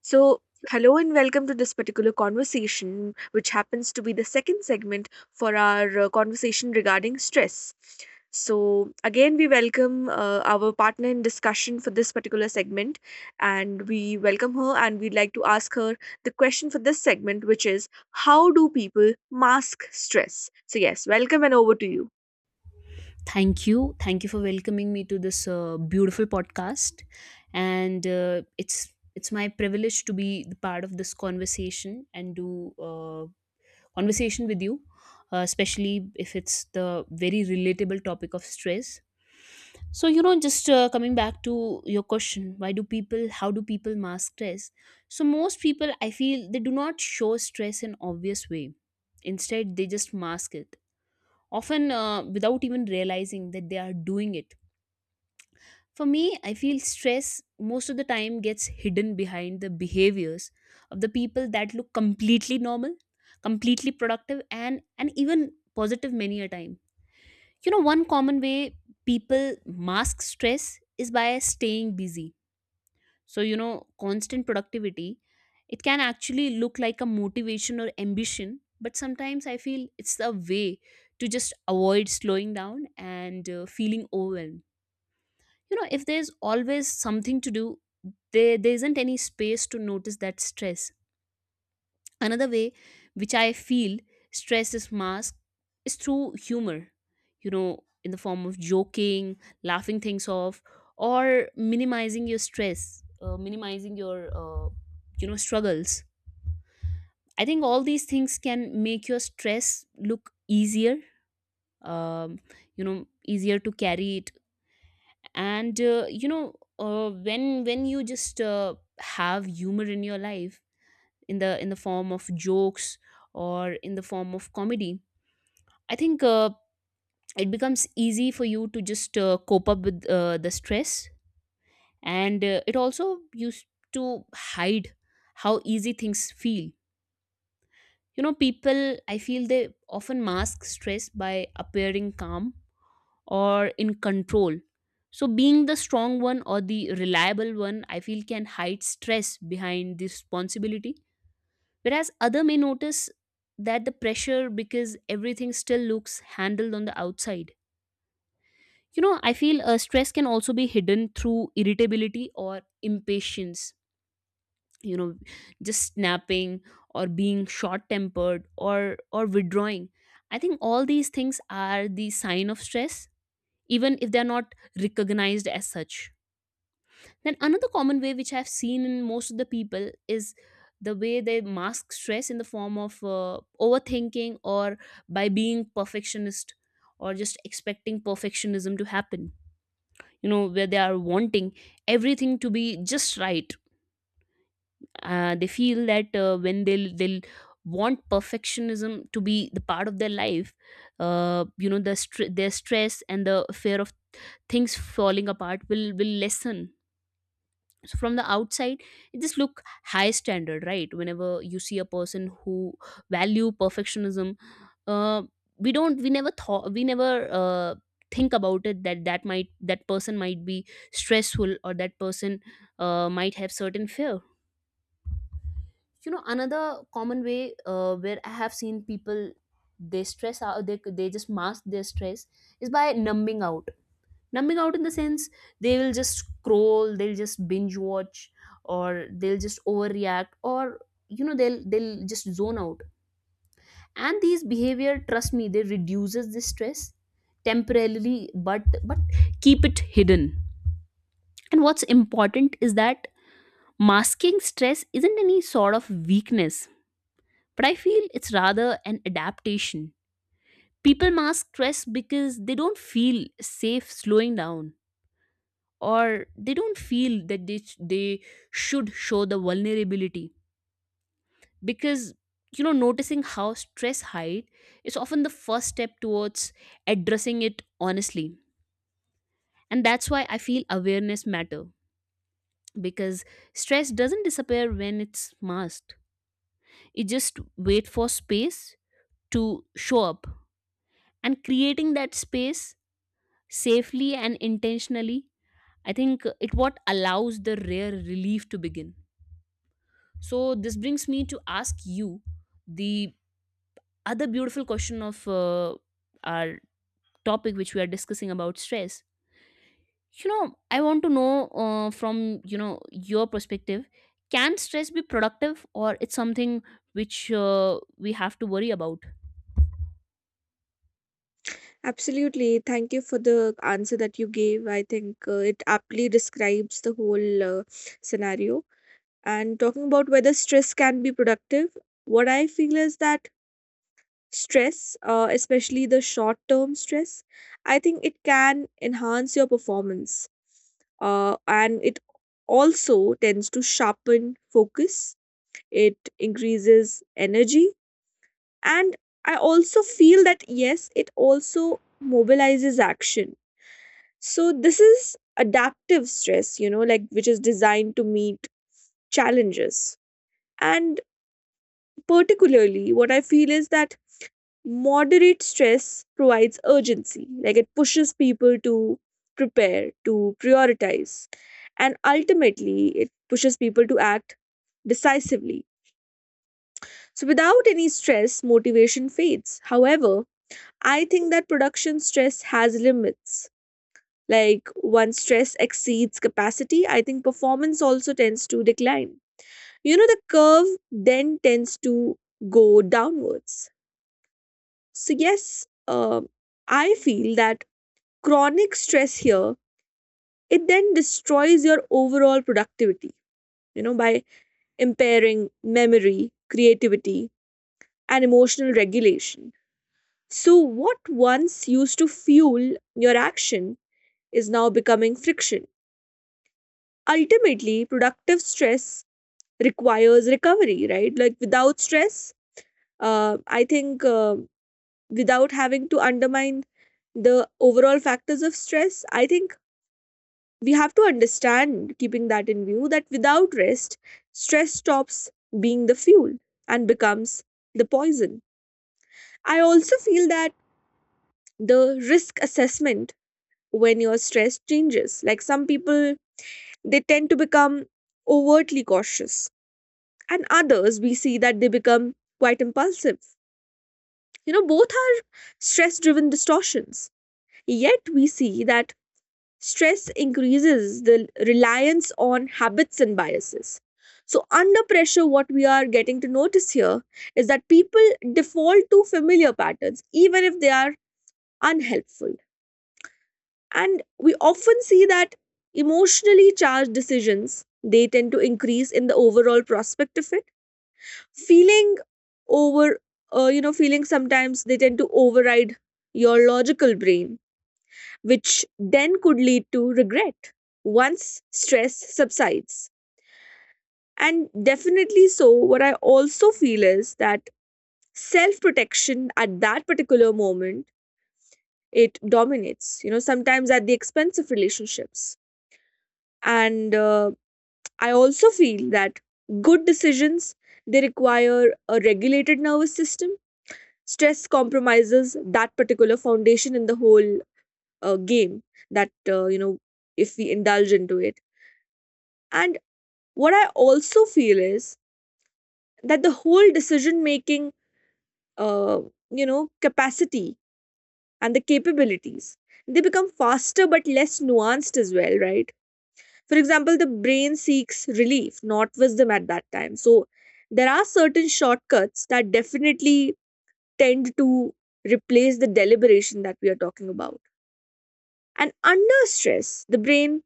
So, hello and welcome to this particular conversation, which happens to be the second segment for our conversation regarding stress. So, again, we welcome our partner in discussion for this particular segment, and we welcome her and we'd like to ask her the question for this segment, which is how do people mask stress? So, yes, welcome and over to you. Thank you. Thank you for welcoming me to this beautiful podcast. And it's my privilege to be the part of this conversation and do conversation with you, especially if it's the very relatable topic of stress. So you know, just coming back to your question, why do people? How do people mask stress? So most people, I feel, they do not show stress in obvious way. Instead, they just mask it, often without even realizing that they are doing it for me. I feel stress most of the time gets hidden behind the behaviors of the people that look completely normal, completely productive, and even positive many a time. You know, one common way people mask stress is by staying busy. So, you know, constant productivity, it can actually look like a motivation or ambition, but sometimes I feel it's a way to just avoid slowing down and feeling overwhelmed. You know, if there's always something to do, there isn't any space to notice that stress. Another way which I feel stress is masked is through humor, you know, in the form of joking, laughing things off, or minimizing your stress, minimizing your you know struggles. I think all these things can make your stress look easier, um, you know easier to carry. And when you just have humor in your life, in the form of jokes or in the form of comedy, I think it becomes easy for you to just cope up with the stress. And it also used to hide how easy things feel. You know, people, I feel, they often mask stress by appearing calm or in control. So, being the strong one or the reliable one, I feel can hide stress behind the responsibility. Whereas other may notice that the pressure because everything still looks handled on the outside. You know, I feel stress can also be hidden through irritability or impatience. You know, just snapping or being short-tempered or withdrawing. I think all these things are the sign of stress even if they're not recognized as such. Then another common way which I've seen in most of the people is the way they mask stress in the form of overthinking or by being perfectionist or just expecting perfectionism to happen. You know, where they are wanting everything to be just right. They feel that when they'll want perfectionism to be the part of their life, the their stress and the fear of things falling apart will lessen. So from the outside it just look high standard, right? Whenever you see a person who value perfectionism, uh, we don't we never thought we never uh, think about it that that might that person might be stressful or that person might have certain fear. You know, another common way where I have seen people they stress out, they just mask their stress is by numbing out. Numbing out in the sense, they will just scroll, they'll just binge watch, or they'll just overreact, or you know they'll just zone out. And these behavior, trust me, they reduces the stress temporarily, but keep it hidden. And what's important is that masking stress isn't any sort of weakness, but I feel it's rather an adaptation. People mask stress because they don't feel safe slowing down, or they don't feel that they should show the vulnerability. Because, you know, noticing how stress hide is often the first step towards addressing it honestly. And that's why I feel awareness matter, because stress doesn't disappear when it's masked. It just wait for space to show up, and creating that space safely and intentionally, I think it what allows the rare relief to begin. So this brings me to ask you the other beautiful question of our topic, which we are discussing about stress. You know, I want to know from your perspective, can stress be productive, or it's something which we have to worry about? Absolutely. Thank you for the answer that you gave. I think it aptly describes the whole scenario. And talking about whether stress can be productive, what I feel is that stress, especially the short term stress, I think it can enhance your performance. And it also tends to sharpen focus, it increases energy. And I also feel that, yes, it also mobilizes action. So, this is adaptive stress, you know, like which is designed to meet challenges. And particularly what I feel is that moderate stress provides urgency, like it pushes people to prepare, to prioritize, and ultimately it pushes people to act decisively. So without any stress, motivation fades. However, I think that production stress has limits. Like once stress exceeds capacity, I think performance also tends to decline. You know, the curve then tends to go downwards. So yes, I feel that chronic stress here it then destroys your overall productivity. You know, by impairing memory, creativity, and emotional regulation. So what once used to fuel your action is now becoming friction. Ultimately, productive stress requires recovery, right? Like without stress, I think without having to undermine the overall factors of stress, I think we have to understand, keeping that in view, that without rest, stress stops being the fuel and becomes the poison. I also feel that the risk assessment when you're stressed changes. Like some people, they tend to become overtly cautious, and others, we see that they become quite impulsive. You know, both are stress driven distortions. Yet, we see that stress increases the reliance on habits and biases. So, under pressure, what we are getting to notice here is that people default to familiar patterns, even if they are unhelpful. And we often see that emotionally charged decisions they tend to increase in the overall prospect of it. Feeling over, you know, feeling sometimes they tend to override your logical brain, which then could lead to regret once stress subsides. And definitely so, what I also feel is that self protection at that particular moment it dominates, you know, sometimes at the expense of relationships. And I also feel that good decisions, they require a regulated nervous system. Stress compromises that particular foundation in the whole game that, you know, if we indulge into it. And what I also feel is that the whole decision making, uh, you know, capacity and the capabilities, they become faster but less nuanced as well, right? For example, the brain seeks relief, not wisdom at that time. So there are certain shortcuts that definitely tend to replace the deliberation that we are talking about. And under stress, the brain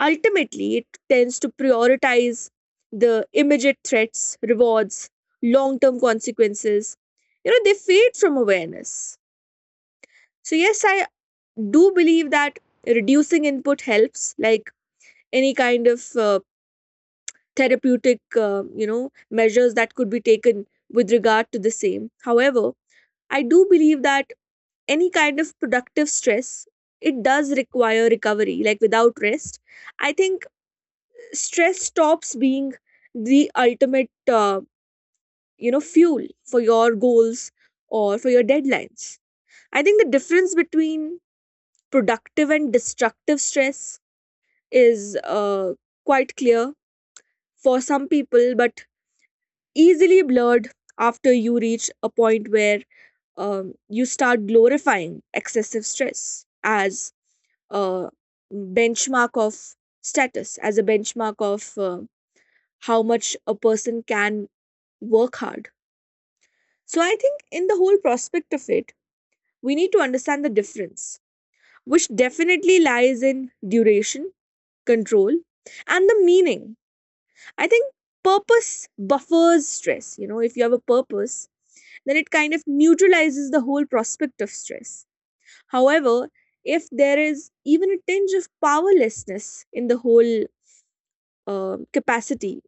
ultimately, it tends to prioritize the immediate threats, rewards, long term consequences. You know, they fade from awareness. So, yes, I do believe that reducing input helps, like any kind of therapeutic, you know, measures that could be taken with regard to the same. However, I do believe that any kind of productive stress, it does require recovery. Like without rest, I think stress stops being the ultimate you know, fuel for your goals or for your deadlines. I think the difference between productive and destructive stress is, quite clear for some people but easily blurred after you reach a point where you start glorifying excessive stress as a benchmark of status, as a benchmark of how much a person can work hard. So I think in the whole prospect of it, we need to understand the difference, which definitely lies in duration, control, and the meaning. I think purpose buffers stress. You know, if you have a purpose, then it kind of neutralizes the whole prospect of stress. However, if there is even a tinge of powerlessness in the whole capacity,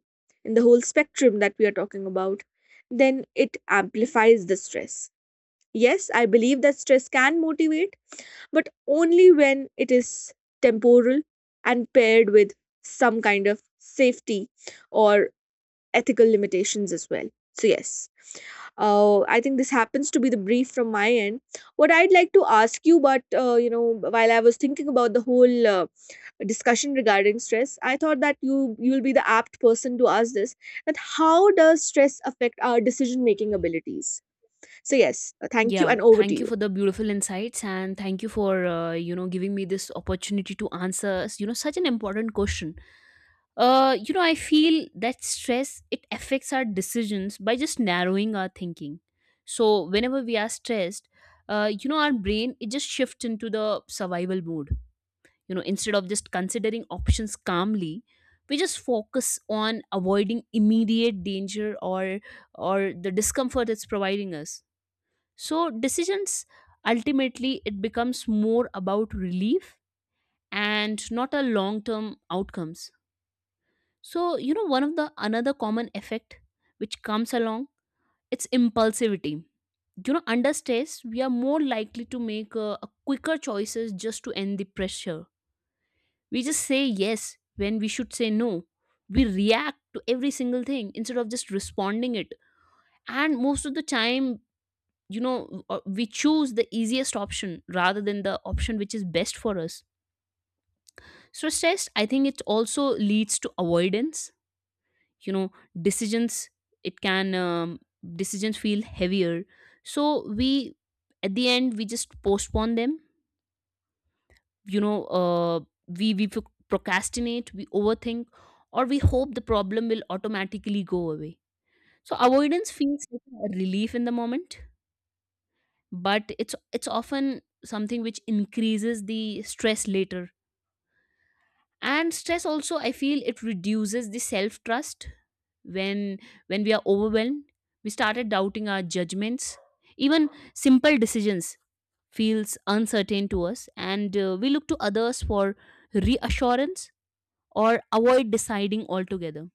in the whole spectrum that we are talking about, then it amplifies the stress. Yes, I believe that stress can motivate, but only when it is temporal and paired with some kind of safety or ethical limitations as well. So, yes, I think this happens to be the brief from my end. What I'd like to ask you, but you know, while I was thinking about the whole discussion regarding stress, I thought that you will be the apt person to ask this. That how does stress affect our decision making abilities? So, yes, thank you, Yeah, and over to thank you you. for the beautiful insights, and thank you for giving me this opportunity to answer such an important question. I feel that stress, it affects our decisions by just narrowing our thinking. So whenever we are stressed, our brain, it just shifts into the survival mode. You know, instead of just considering options calmly, we just focus on avoiding immediate danger or the discomfort it's providing us. So decisions, ultimately it becomes more about relief and not a long term outcomes. So, you know, one of the another common effect which comes along, it's impulsivity. You know, under stress, we are more likely to make a quicker choices just to end the pressure. We just say yes when we should say no. We react to every single thing instead of just responding it. And most of the time, we choose the easiest option rather than the option which is best for us. So stress, I think it also leads to avoidance. You know, decisions, it can decisions feel heavier, so we at the end we just postpone them. You know, we procrastinate, we overthink, or we hope the problem will automatically go away. So avoidance feels like a relief in the moment, but it's often something which increases the stress later. And stress also, I feel it reduces the self trust. When when we are overwhelmed, we started doubting our judgments. Even simple decisions feels uncertain to us, and we look to others for reassurance or avoid deciding altogether.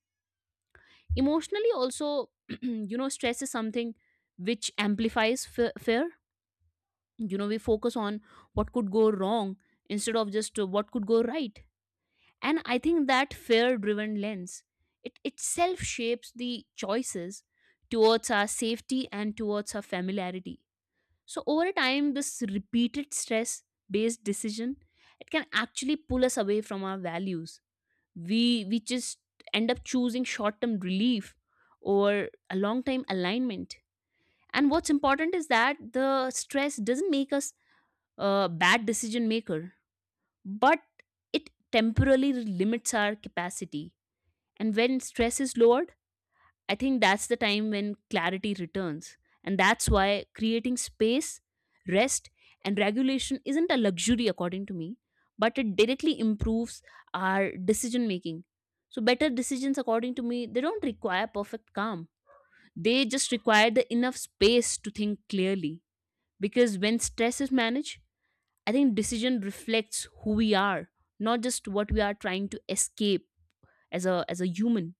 Emotionally also, you know, stress is something which amplifies fear. You know, we focus on what could go wrong instead of just what could go right. And I think that fear driven lens, it itself shapes the choices towards our safety and towards our familiarity. So over time, this repeated stress based decision, it can actually pull us away from our values. We just end up choosing short term relief or a long time alignment. And what's important is that the stress doesn't make us a bad decision maker, but it temporarily limits our capacity. And when stress is lowered, I think that's the time when clarity returns. And that's why creating space, rest, and regulation isn't a luxury, according to me, but it directly improves our decision making. So, better decisions, according to me, they don't require perfect calm. They just require the enough space to think clearly. Because when stress is managed, I think decision reflects who we are, not just what we are trying to escape as a human.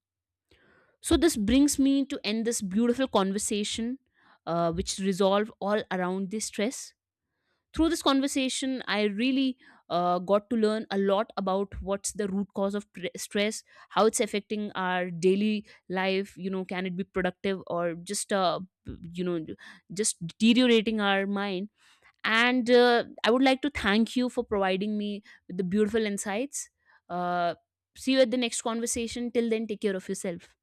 So this brings me to end this beautiful conversation, which resolve all around this stress. Through this conversation, I really got to learn a lot about what's the root cause of stress, how it's affecting our daily life. You know, can it be productive or just you know just deteriorating our mind? And I would like to thank you for providing me with the beautiful insights. Uh, See you at the next conversation. Till then, take care of yourself.